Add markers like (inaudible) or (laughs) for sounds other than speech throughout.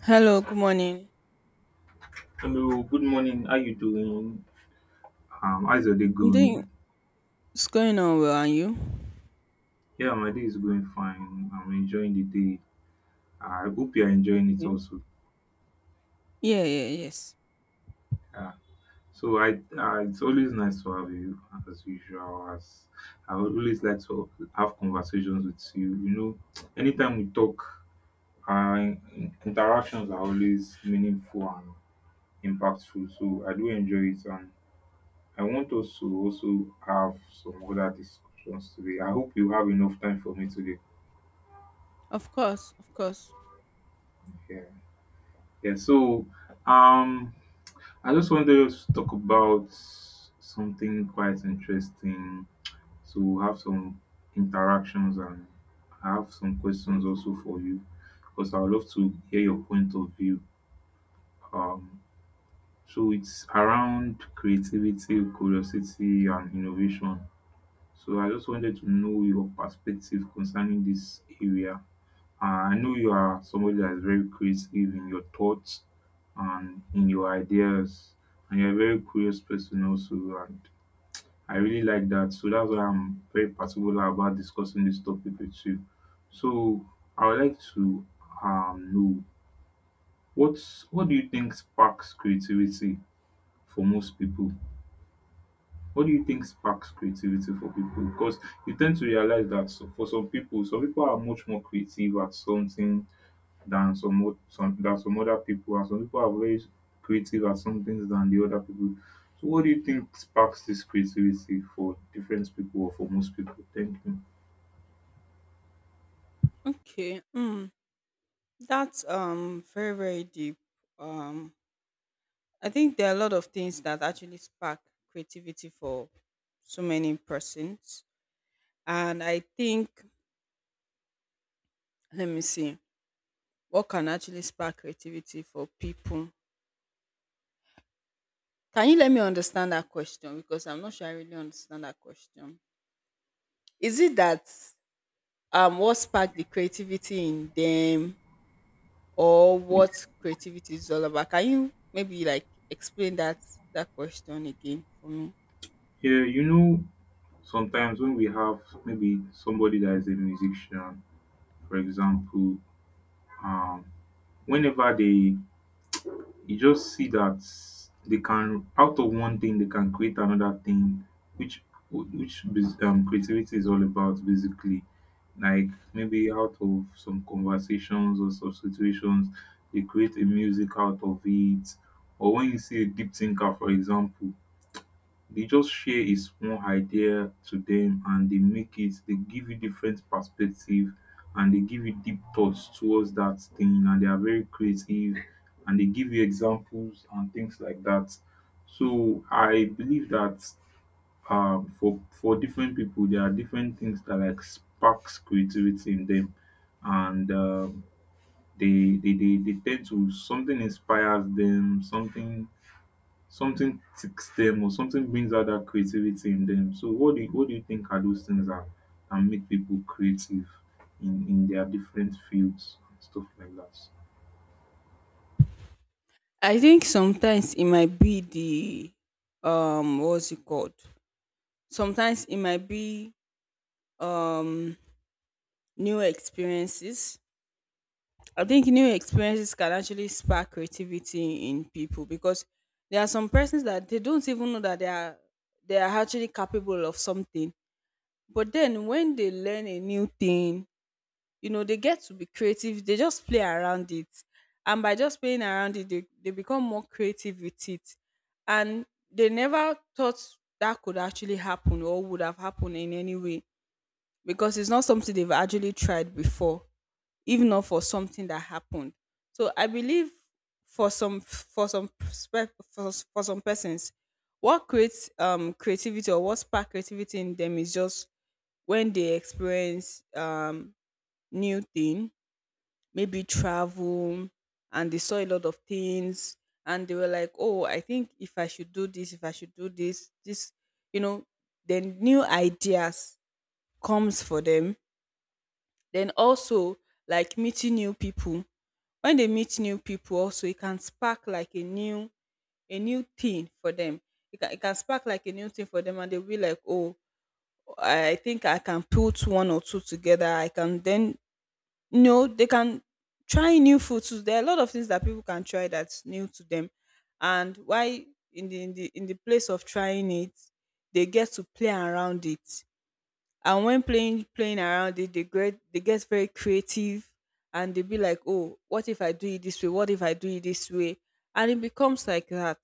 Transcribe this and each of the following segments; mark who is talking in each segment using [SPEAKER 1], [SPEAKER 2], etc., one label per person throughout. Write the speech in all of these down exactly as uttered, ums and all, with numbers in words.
[SPEAKER 1] Hello, good morning. i
[SPEAKER 2] Hello, good morning. How you doing? Um, how's your day going?
[SPEAKER 1] think it's going on well, and you?
[SPEAKER 2] Yeah, my day is going fine. I'm enjoying the day. I hope you're enjoying it
[SPEAKER 1] Okay.
[SPEAKER 2] also.
[SPEAKER 1] Yeah, yeah, yes.
[SPEAKER 2] Yeah. So I, uh, it's always nice to have you as usual. As I always like to have conversations with you. You know, anytime we talk, our in- interactions are always meaningful and impactful. So I do enjoy it, and I want us to also have some other discussions today. I hope you have enough time for me today.
[SPEAKER 1] Of course, of course.
[SPEAKER 2] Yeah. Yeah, so um, I just wanted us to talk about something quite interesting. So we'll have some interactions and I have some questions also for you because I would love to hear your point of view. Um, so it's around creativity, curiosity, and innovation. So I just wanted to know your perspective concerning this area. Uh, I know you are somebody that is very creative in your thoughts and in your ideas, and you're a very curious person also. And I really like that. So that's why I'm very particular about discussing this topic with you. So I would like to um, know what's what do you think sparks creativity for most people? What do you think sparks creativity for people? Because you tend to realize that so for some people, some people are much more creative at something than some o- some than some other people, and some people are very creative at some things than the other people. So, what do you think sparks this creativity for different people or for most people? Thank you.
[SPEAKER 1] Okay. Mm. That's um very, very deep. Um I think there are a lot of things that actually spark creativity for so many persons. And I think, let me see. What can actually spark creativity for people? Can you let me understand that question? Because I'm not sure I really understand that question. Is it that um what sparked the creativity in them, or what creativity is all about? Can you maybe like explain that that question again for me?
[SPEAKER 2] Yeah, you know, sometimes when we have maybe somebody that is a musician, for example, um, whenever they you just see that they can out of one thing they can create another thing which which bas- um creativity is all about basically, like maybe out of some conversations or some situations they create a music out of it, or when you see a deep thinker, for example, they just share is one idea to them and they make it, they give you different perspective and they give you deep thoughts towards that thing and they are very creative, and they give you examples and things like that. So I believe that um, for for different people there are different things that like sparks creativity in them, and um, they, they they they tend to, something inspires them, something something ticks them or something brings out that creativity in them. So what do you, what do you think are those things that, that make people creative in, in their different fields and stuff like that?
[SPEAKER 1] I think sometimes it might be the um what's it called? Sometimes it might be um new experiences. I think new experiences can actually spark creativity in people, because there are some persons that they don't even know that they are they are actually capable of something. But then when they learn a new thing, you know, they get to be creative. They just play around it. And by just playing around it, they, they become more creative with it. And they never thought that could actually happen or would have happened in any way, because it's not something they've actually tried before, even not for something that happened. So I believe for some for some perspe- for, for some persons, what creates um creativity or what spark creativity in them is just when they experience um new thing, maybe travel, and they saw a lot of things, and they were like, oh, I think if I should do this, if I should do this this, you know, then new ideas comes for them. Then also, like meeting new people. When they meet new people, also it can spark like a new a new thing for them. It can, it can spark like a new thing for them and they'll be like, oh, I think I can put one or two together. I can then no, they can try new food too. There are a lot of things that people can try that's new to them, and why in the in the in the place of trying it, they get to play around it. And when playing playing around it, they get they get very creative, and they be like, oh, what if I do it this way? What if I do it this way? And it becomes like that,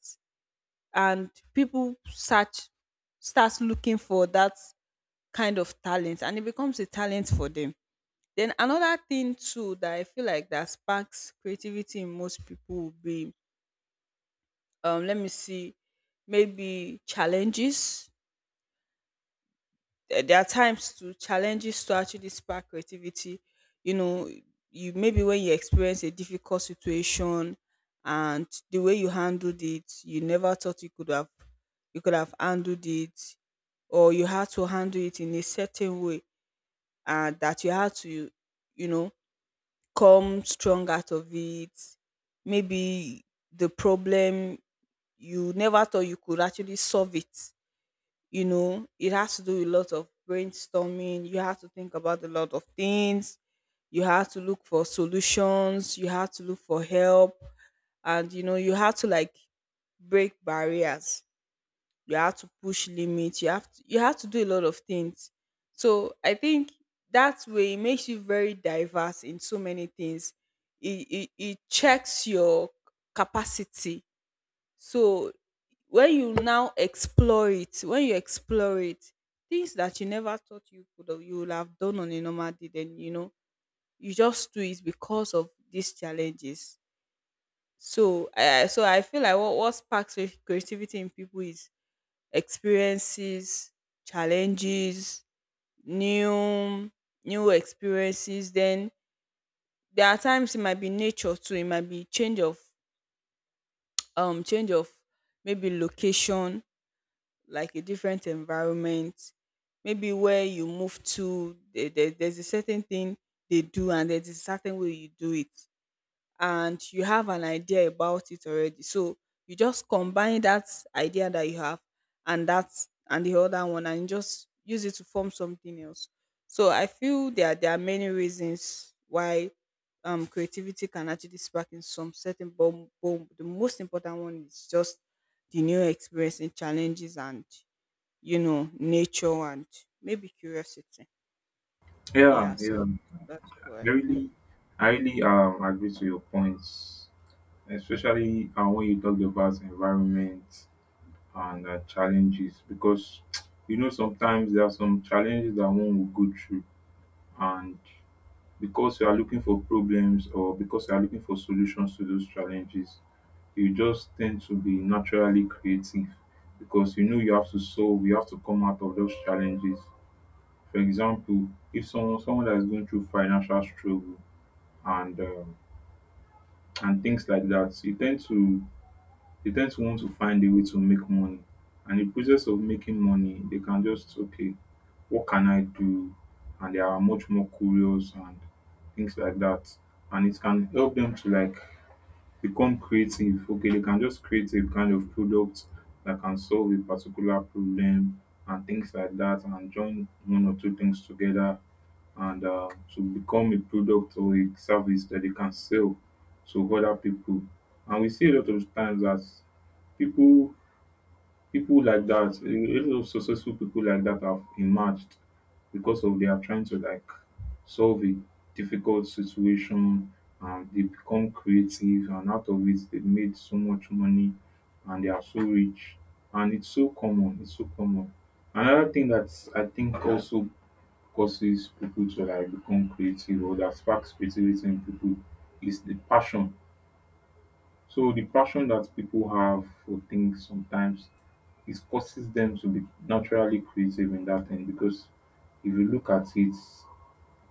[SPEAKER 1] and people start starts looking for that kind of talent, and it becomes a talent for them. Then another thing too that I feel like that sparks creativity in most people would be um let me see, maybe challenges. There there are times to challenges to actually spark creativity. You know, you maybe when you experience a difficult situation and the way you handled it, you never thought you could have you could have handled it, or you had to handle it in a certain way, and that you had to, you know, come strong out of it. Maybe the problem you never thought you could actually solve it. You know, it has to do with a lot of brainstorming. You have to think about a lot of things. You have to look for solutions. You have to look for help. And, you know, you have to like break barriers, you have to push limits, you have to you have to do a lot of things. So I think that way it makes you very diverse in so many things. It, it, it checks your capacity. So when you now explore it, when you explore it things that you never thought you could have, you would have done on a normal day, then, you know, you just do it because of these challenges. So I I- so I feel like what, what sparks cre- creativity in people is experiences, challenges, new new experiences. Then there are times it might be nature too. It might be change of um change of maybe location, like a different environment. Maybe where you move to, there, there- there's a certain thing they do and there's a certain way you do it, and you have an idea about it already. So you just combine that idea that you have and that and the other one, and just use it to form something else. So I feel there there are many reasons why um creativity can actually spark in some certain, but but the most important one is just the new experience, and challenges, and, you know, nature, and maybe curiosity.
[SPEAKER 2] Yeah,
[SPEAKER 1] Yeah,
[SPEAKER 2] yeah.
[SPEAKER 1] so that's what
[SPEAKER 2] I
[SPEAKER 1] I think.
[SPEAKER 2] really I really um agree to your points, especially uh, when you talk about environment and uh, challenges, because (tsk) you know sometimes there are some challenges that one will go through, and because you are looking for problems, or because you are looking for solutions to those challenges, you just tend to be naturally creative, because you know you have to solve, you have to come out of those challenges. For example, if someone someone that is going through financial struggle and um, and things like that, you tend to they tend to want to find a way to make money. And in the process of making money, they can just, okay, what can I do? And they are much more curious and things like that. And it can help them to like become creative. Okay, they can just create a kind of product that can solve a particular problem and things like that, and join one or two things together and uh, to become a product or a service that they can sell to other people. And we see a lot of times that people people like that, a lot of successful people like that have emerged because of, they are trying to like solve a difficult situation, and they become creative, and out of it they made so much money and they are so rich. And it's so common, it's so common. Another thing that I think also causes people to like become creative, or that sparks creativity in people, is the passion. So the passion that people have for things sometimes, it causes them to be naturally creative in that thing, because if you look at it,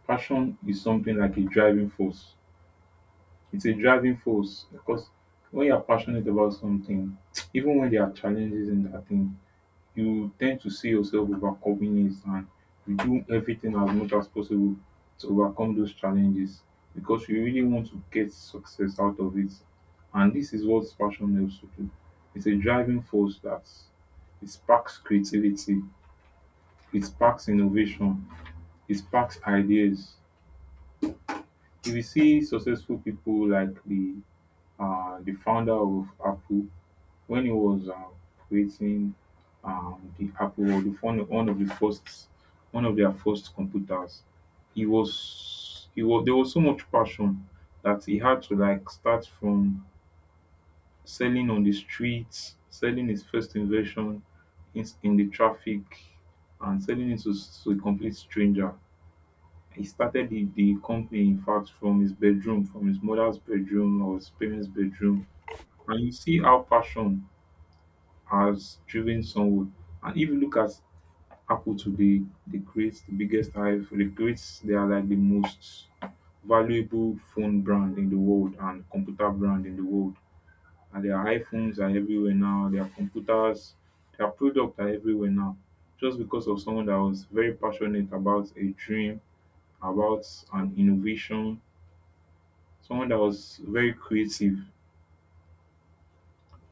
[SPEAKER 2] passion is something like a driving force. It's a driving force, because when you're passionate about something, (tsk) even when there are challenges in that thing, you tend to see yourself overcoming it, and you do everything as much as possible to overcome those challenges, because you really want to get success out of it. And this is what passion helps to do. It's a driving force that, it sparks creativity, it sparks innovation, it sparks ideas. If you see successful people like the uh, the founder of Apple, when he was um, creating um, the Apple, the one, one of the first, one of their first computers, he was, he was, there was so much passion that he had to like start from selling on the streets, selling his first invention in, in the traffic, and selling it to, s- to a complete stranger. He started the, the company, in fact, from his bedroom, from his mother's bedroom or his parents' bedroom. And you see how passion has driven someone. And if you look at Apple today, they create the biggest hive, they create they are like the most valuable phone brand in the world and computer brand in the world. And their iPhones are everywhere now, their computers, their products are everywhere now. Just because of someone that was very passionate about a dream, about an innovation, someone that was very creative.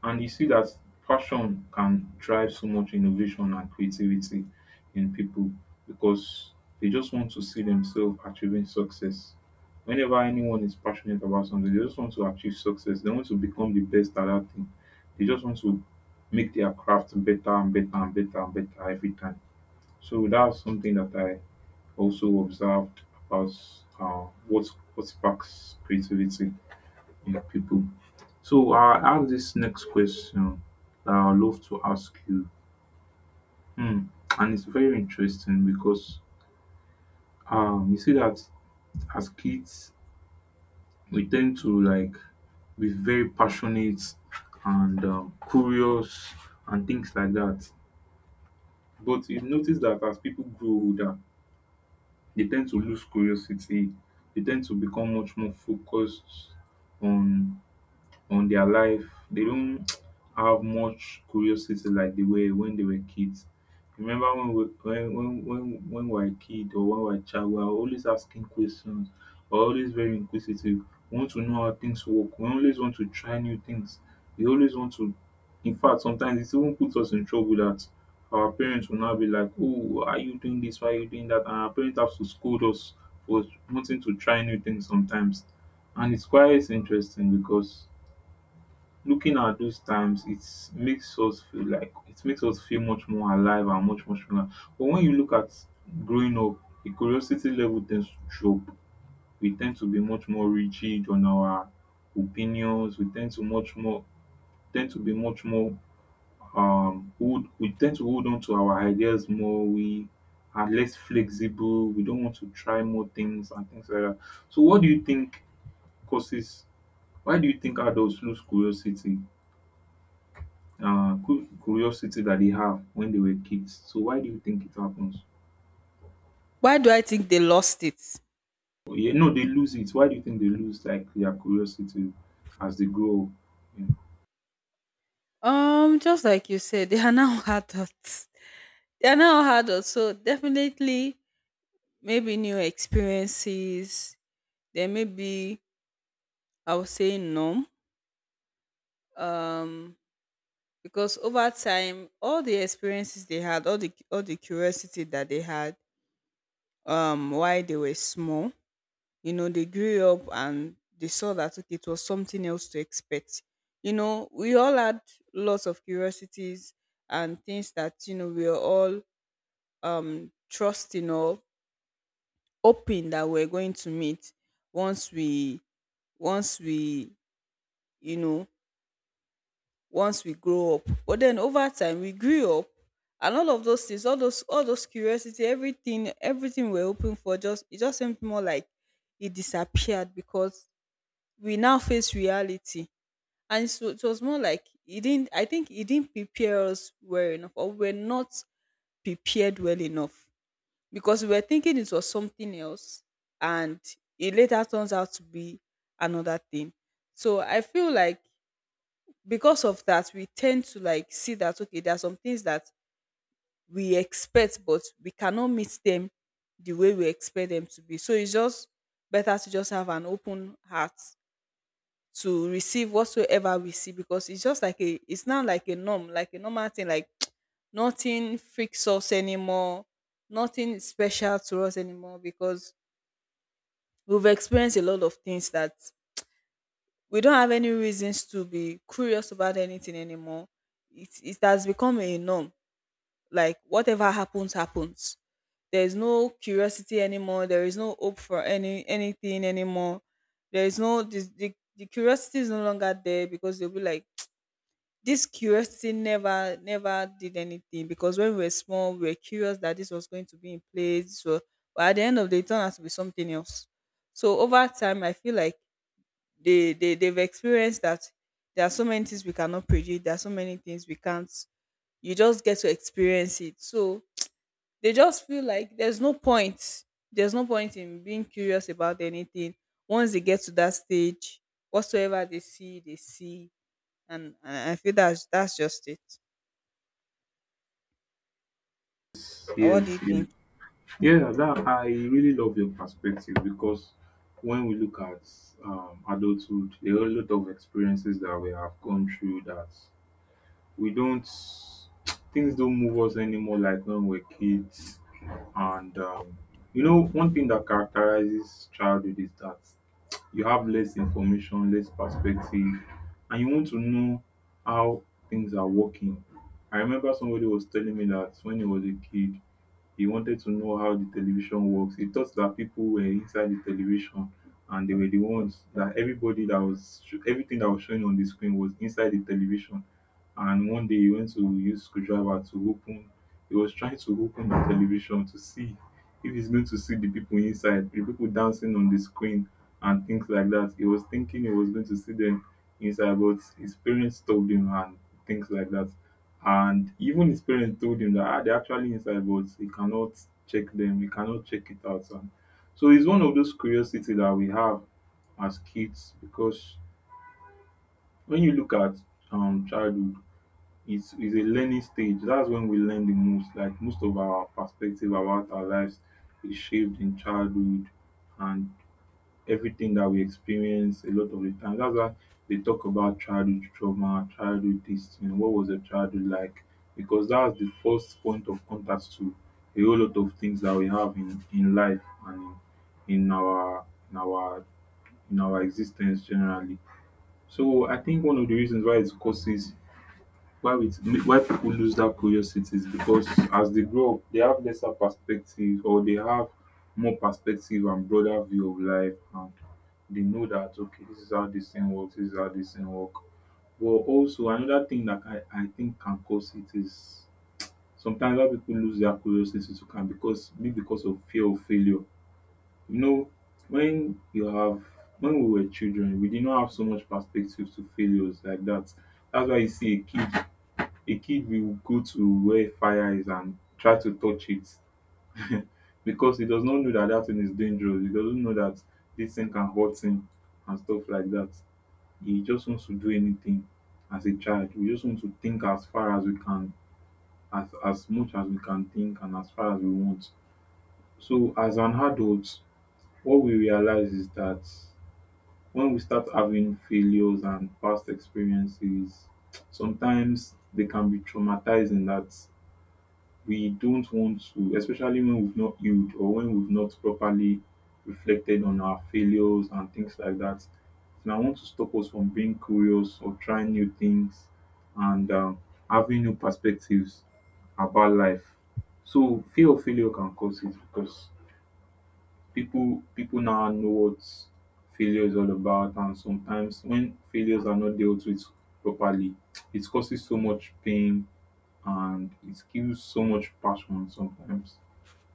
[SPEAKER 2] And you see that passion can drive so much innovation and creativity in people, because they just want to see themselves achieving success. Whenever anyone is passionate about something, they just want to achieve success. They want to become the best at that thing. They just want to make their craft better and better and better and better every time. So that's something that I also observed about uh, what what sparks creativity. Yeah, people. So I have this next question that I love to ask you, Hmm, and it's very interesting because um, you see that as kids we tend to like be very passionate and um, curious and things like that. But you notice that as people grow older, they tend to lose curiosity. They tend to become much more focused on on their life. They don't have much curiosity like they were when they were kids. Remember when we when when when, when we were a kid or when we were a child, we are always asking questions, we're always very inquisitive. We want to know how things work. We always want to try new things. We always want to In fact, sometimes it even puts us in trouble, that our parents will now be like, oh, why are you doing this? Why are you doing that? And our parents have to scold us for wanting to try new things sometimes. And it's quite interesting because looking at those times, it makes us feel like it makes us feel much more alive and much more stronger. But when you look at growing up, the curiosity level tends to drop. We tend to be much more rigid on our opinions. We tend to much more tend to be much more um hold we tend to hold on to our ideas more. We are less flexible, we don't want to try more things and things like that. So what do you think causes why do you think adults lose curiosity, uh, cu- curiosity that they have when they were kids. So why do you think it happens?
[SPEAKER 1] Why do I think they lost it?
[SPEAKER 2] Yeah, no, they lose it. Why do you think they lose like their curiosity as they grow up? Yeah.
[SPEAKER 1] Um, just like you said, they are now (laughs) adults. They are now adults, so definitely maybe new experiences. There may be, I would say, numb. Um, because over time, all the experiences they had, all the all the curiosity that they had, um, while they were small, you know, they grew up and they saw that okay, it was something else to expect. You know, we all had lots of curiosities and things that, you know, we are all um trusting or hoping that we're going to meet once we once we you know, once we grow up. But then over time we grew up, and all of those things, all those all those curiosity, everything everything we're hoping for, just it just seemed more like it disappeared, because we now face reality. And so it was more like it didn't, I think it didn't prepare us well enough, or we're not prepared well enough, because we were thinking it was something else, and it later turns out to be another thing. So I feel like because of that we tend to like see that, okay, there are some things that we expect but we cannot meet them the way we expect them to be. So it's just better to just have an open heart to receive whatsoever we see, because it's just like a, it's now like a norm, like a normal thing, like (tsk) nothing freaks us anymore, nothing is special to us anymore, because we've experienced a lot of things that we don't have any reasons to be curious about anything anymore. It, it has become a norm. Like whatever happens, happens. There is no curiosity anymore. There is no hope for any anything anymore. There is no this, the the curiosity is no longer there, because they'll be like this curiosity never never did anything, because when we were small we were curious that this was going to be in place. So but at the end of the day it turned out to be something else. So over time I feel like they, they they've experienced that there are so many things we cannot predict, there are so many things we can't, you just get to experience it. So they just feel like there's no point there's no point in being curious about anything once they get to that stage. Whatsoever they see, they see. And, and I feel that's that's just it. Or what
[SPEAKER 2] Yes,
[SPEAKER 1] do you
[SPEAKER 2] yes.
[SPEAKER 1] think?
[SPEAKER 2] Yeah. That I really love your perspective, because when we look at um, adulthood, there are a lot of experiences that we have gone through, that we don't things don't move us anymore like when we're kids. And um, you know one thing that characterizes childhood is that you have less information, less perspective, and you want to know how things are working. I remember somebody was telling me that when he was a kid, he wanted to know how the television works. He thought that people were inside the television and they were the ones, that everybody that was everything that was showing on the screen was inside the television. And one day he went to use screwdriver to open, he was trying to open the television to see if he's going to see the people inside, the people dancing on the screen and things like that. He was thinking he was going to see them inside, but his parents told him and things like that. And even his parents told him that ah, they're actually inside, but he cannot check them, he cannot check it out. And so it's one of those curiosity that we have as kids because when you look at um, childhood, it's it's a learning stage. That's when we learn the most. Like most of our perspective about our lives is shaped in childhood and everything that we experience a lot of the time. That's why they talk about childhood trauma, childhood this thing, what was your childhood like? Because that's the first point of contact to a whole lot of things that we have in, in life and in, in our in our in our existence generally. So I think one of the reasons why it causes why we why people lose that curiosity is because as they grow up they have lesser perspective or they have more perspective and broader view of life and they know that okay this is how this thing works, this is how this thing work. But also another thing that i i think can cause it is sometimes why people lose their curiosity to can because be because of fear of failure, you know, when you have when we were children we did not have so much perspective to failures like that. That's why you see a kid a kid will go to where fire is and try to touch it (laughs) because he does not know that that thing is dangerous. He doesn't know that this thing can hurt him and stuff like that. He just wants to do anything. As a child, we just want to think as far as we can, as, as much as we can think and as far as we want. So, as an adult, what we realize is that when we start having failures and past experiences, sometimes they can be traumatizing, that we don't want to, especially when we've not healed or when we've not properly reflected on our failures and things like that. And I want to stop us from being curious or trying new things and um, having new perspectives about life. So fear of failure can cause it because people people now know what failure is all about, and sometimes when failures are not dealt with properly it causes so much pain and it kills so much passion sometimes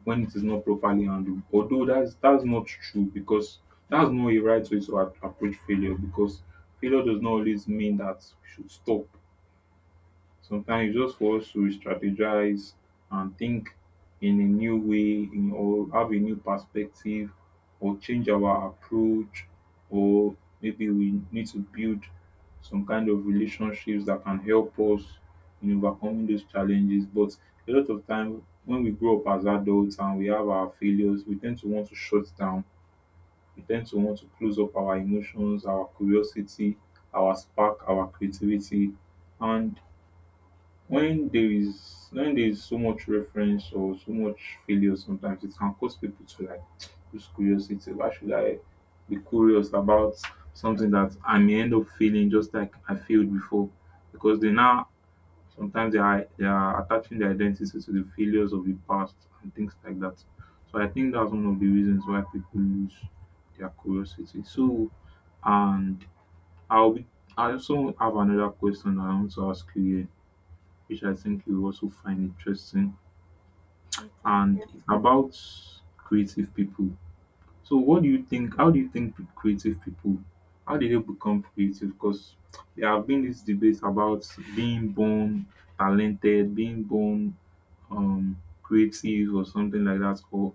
[SPEAKER 2] when it is not properly handled. Although that's that's not true, because that's not a right way to a- approach failure, because failure does not always mean that we should stop. Sometimes it's just for us to strategize and think in a new way in, or have a new perspective or change our approach, or maybe we need to build some kind of relationships that can help us in overcoming those challenges. But a lot of time when we grow up as adults and we have our failures, we tend to want to shut down. We tend to want to close up our emotions, our curiosity, our spark, our creativity. And when there is when there is so much reference or so much failure, sometimes it can cause people to like (tsk) lose curiosity. Why should I be curious about something that I may end up feeling just like I failed before? Because they now sometimes they are they are attaching their identity to the failures of the past and things like that. So I think that's one of the reasons why people lose their curiosity. So, and i'll be I also have another question I want to ask you here, which I think you will also find interesting,
[SPEAKER 1] Okay.
[SPEAKER 2] and it's about creative people. So, what do you think? How do you think pe- creative people? How did they become creative? Because there have been these debates about being born talented, being born um, creative, or something like that. Or,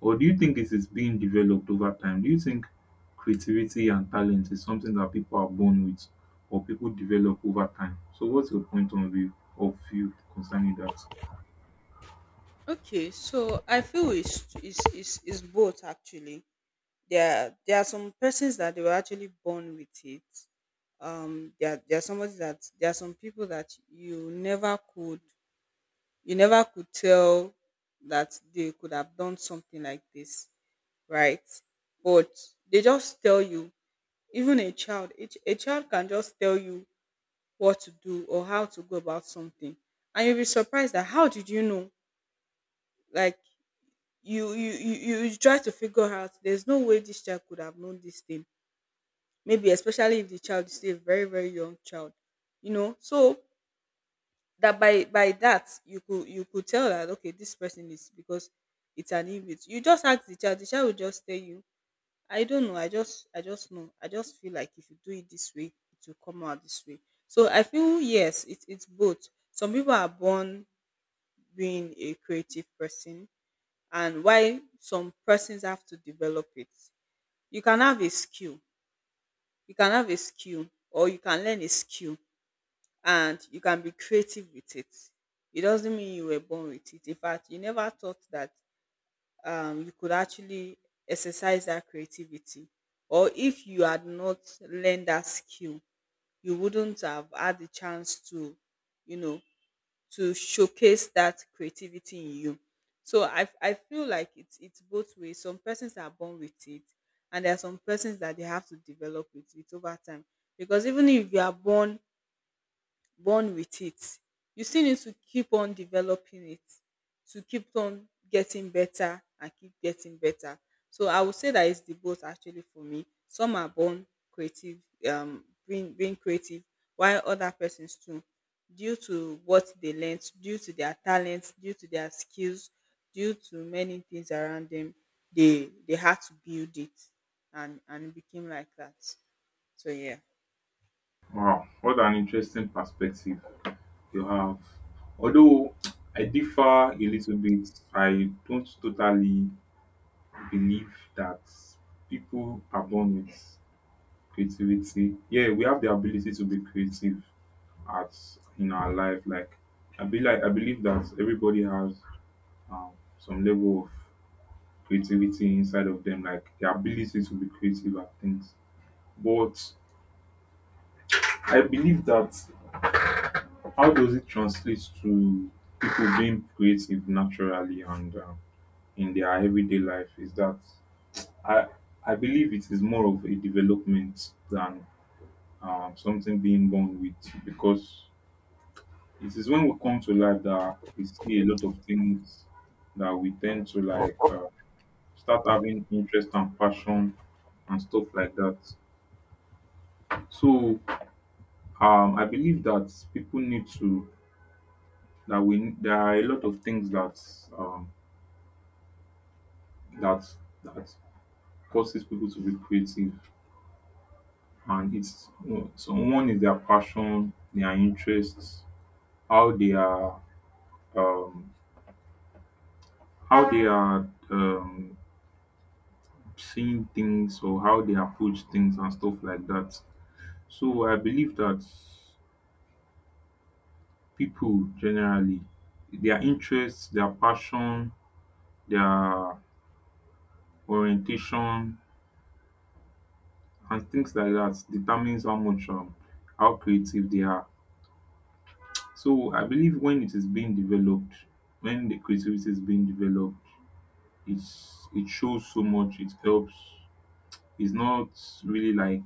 [SPEAKER 2] or do you think it is being developed over time? Do you think creativity and talent is something that people are born with, or people develop over time? So, what's your point of view of view concerning that?
[SPEAKER 1] Okay. So I feel it's it's it's, it's both actually. there there are some persons that they were actually born with it. Um, there there are somebody that there are some people that you never could you never could tell that they could have done something like this, right? But they just tell you. Even a child, a, ch- a child can just tell you what to do or how to go about something, and you'll be surprised that how did you know? Like you you you you you try to figure out. There's no way this child could have known this thing, maybe especially if the child is still a very very young child, you know. So that by by that you could, you could tell that okay this person is, because it's an image. You just ask the child, the child will just tell you, I don't know, I just, I just know, I just feel like if you do it this way it will come out this way. So I feel yes, it, it's both. Some people are born being a creative person, and why some persons have to develop it. You can have a skill, you can have a skill or you can learn a skill and you can be creative with it. It doesn't mean you were born with it. In fact, you never thought that um, you could actually exercise that creativity. Or if you had not learned that skill, you wouldn't have had the chance to, you know, to showcase that creativity in you. So I, I feel like it's it's both ways. Some persons are born with it, and there are some persons that they have to develop it, it over time. Because even if you are born born with it, you still need to keep on developing it, to keep on getting better and keep getting better. So I would say that it's the both actually for me. Some are born creative, um, being being creative, while other persons too, due to what they learnt, due to their talents, due to their skills, due to many things around them, they they had to build it, and and it became like that. So yeah.
[SPEAKER 2] Wow, what an interesting perspective you have. Although I differ a little bit, I don't totally believe that people are born with creativity. Yeah, we have the ability to be creative at in our life. Like I be like I believe that everybody has um, some level of creativity inside of them, like the ability to be creative at things. But I believe that, how does it translate to people being creative naturally and um, in their everyday life? Is that I I believe it is more of a development than um, something being born with, because it is when we come to life that we see a lot of things that we tend to like uh, start having interest and passion and stuff like that. So um, I believe that people need to that we there are a lot of things that um, that that causes people to be creative, and it's you know, so one is their passion, their interests, how they are um how they are um seeing things or how they approach things and stuff like that. So I believe that people generally, their interests, their passion, their orientation and things like that determines how much um how creative they are. So I believe when it is being developed, when the creativity is being developed, it's it shows so much. It helps. It's not really like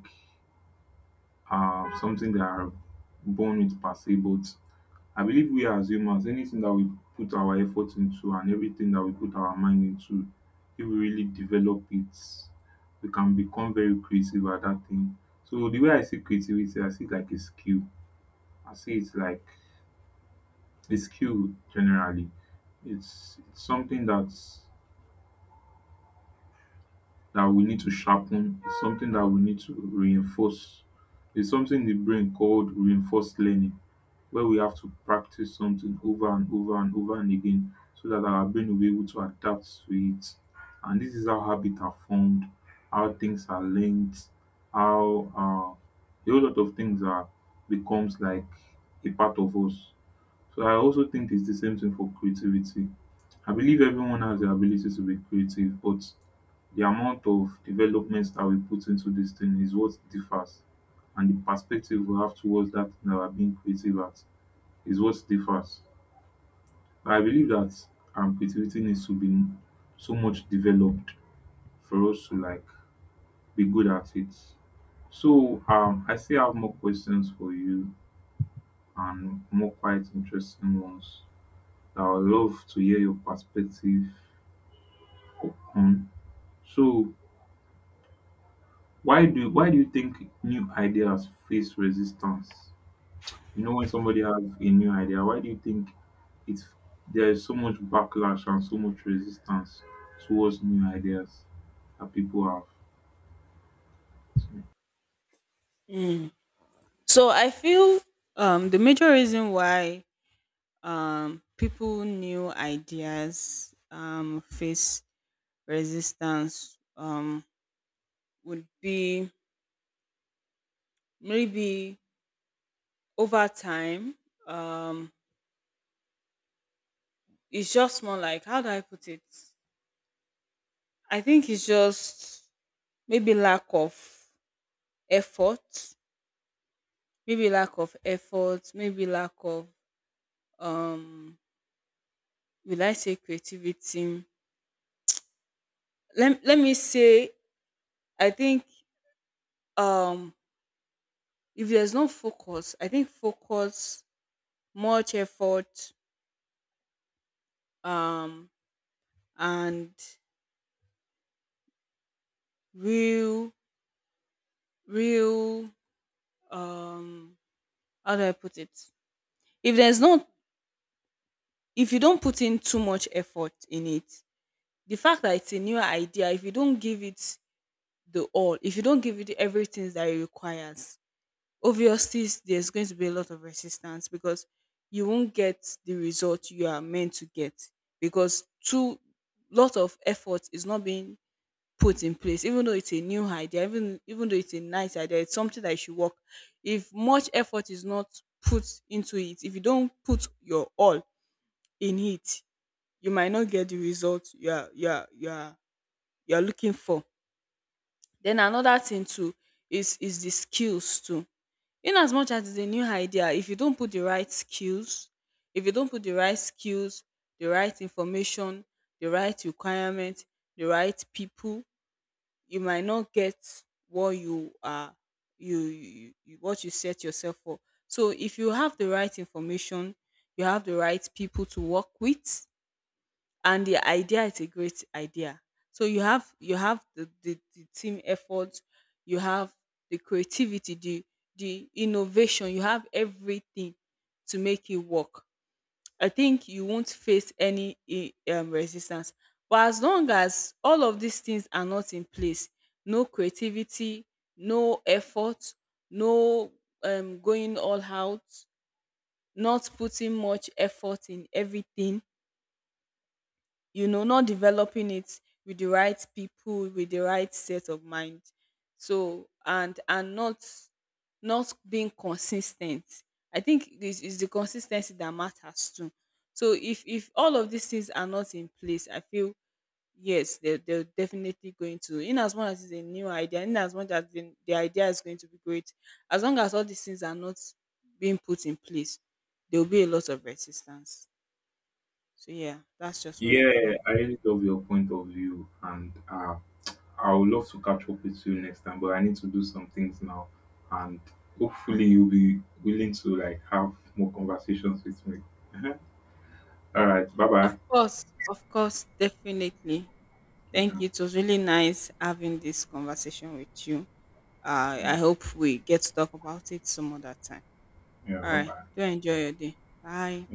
[SPEAKER 2] uh, something that are born with per se, but I believe we are as humans, anything that we put our effort into and everything that we put our mind into, if we really develop it, we can become very creative at that thing. So the way I see creativity, I see it like a skill. I see it like the skill generally. It's, it's something that's that we need to sharpen. It's something that we need to reinforce. It's something in the brain called reinforced learning, where we have to practice something over and over and over and again so that our brain will be able to adapt to it. And this is how habits are formed, how things are learned, how uh, a whole lot of things are becomes like a part of us. So I also think it's the same thing for creativity. I believe everyone has the ability to be creative, but the amount of developments that we put into this thing is what differs. And the perspective we have towards that thing that we're being creative at is what differs. I believe that um, creativity needs to be so much developed for us to like be good at it. So um, I still have more questions for you and more quite interesting ones. I would love to hear your perspective on. So, why do why do you think new ideas face resistance? You know, when somebody has a new idea, why do you think it's there is so much backlash and so much resistance towards new ideas that people have?
[SPEAKER 1] Mm. So I feel um, the major reason why um, people new ideas um, face resistance um, would be maybe over time. Um, it's just more like how do I put it? I think it's just maybe lack of effort, maybe lack of effort, maybe lack of um, will I say creativity? Let Let me say I think um if there's no focus. I think focus, much effort, um and real real um how do I put it? If there's not, If you don't put in too much effort in it, the fact that it's a new idea, if you don't give it the all, if you don't give it everything that it requires, obviously there's going to be a lot of resistance because you won't get the result you are meant to get, because too lot of effort is not being put in place. Even though it's a new idea, even even though it's a nice idea, it's something that should work. If much effort is not put into it, if you don't put your all in it, you might not get the result you are you are you are you are looking for. Then another thing too is is the skills too. In as much as it's a new idea, if you don't put the right skills if you don't put the right skills, the right information, the right requirement, the right people, you might not get what you are you, you, you what you set yourself for. So if you have the right information, you have the right people to work with, and the idea is a great idea, so you have you have the, the, the team effort, you have the creativity, the the innovation, you have everything to make it work. I think you won't face any eh, um, resistance. But as long as all of these things are not in place, no creativity, no effort, no um, going all out, not putting much effort in everything, you know, not developing it with the right people, with the right set of mind. So and and not, not being consistent. I think this is the consistency that matters too. So if if all of these things are not in place, I feel yes, they're, they're definitely going to, in as much as it's a new idea, in as much as the, the idea is going to be great, as long as all these things are not being put in place, there will be a lot of resistance. So yeah, that's just what I
[SPEAKER 2] Yeah, yeah,
[SPEAKER 1] feel.
[SPEAKER 2] yeah, I really love your point of view, and uh, I would love to catch up with you next time. But I need to do some things now, and hopefully you'll be willing to like have more conversations with me. (laughs) All right, bye bye.
[SPEAKER 1] Of course, of course, definitely. Thank
[SPEAKER 2] Yeah,
[SPEAKER 1] you. It was really nice having this conversation with you. Uh,
[SPEAKER 2] yeah,
[SPEAKER 1] I hope we get to talk about it some other time.
[SPEAKER 2] yeah,
[SPEAKER 1] All
[SPEAKER 2] bye
[SPEAKER 1] right.
[SPEAKER 2] bye.
[SPEAKER 1] Do enjoy your day. Bye.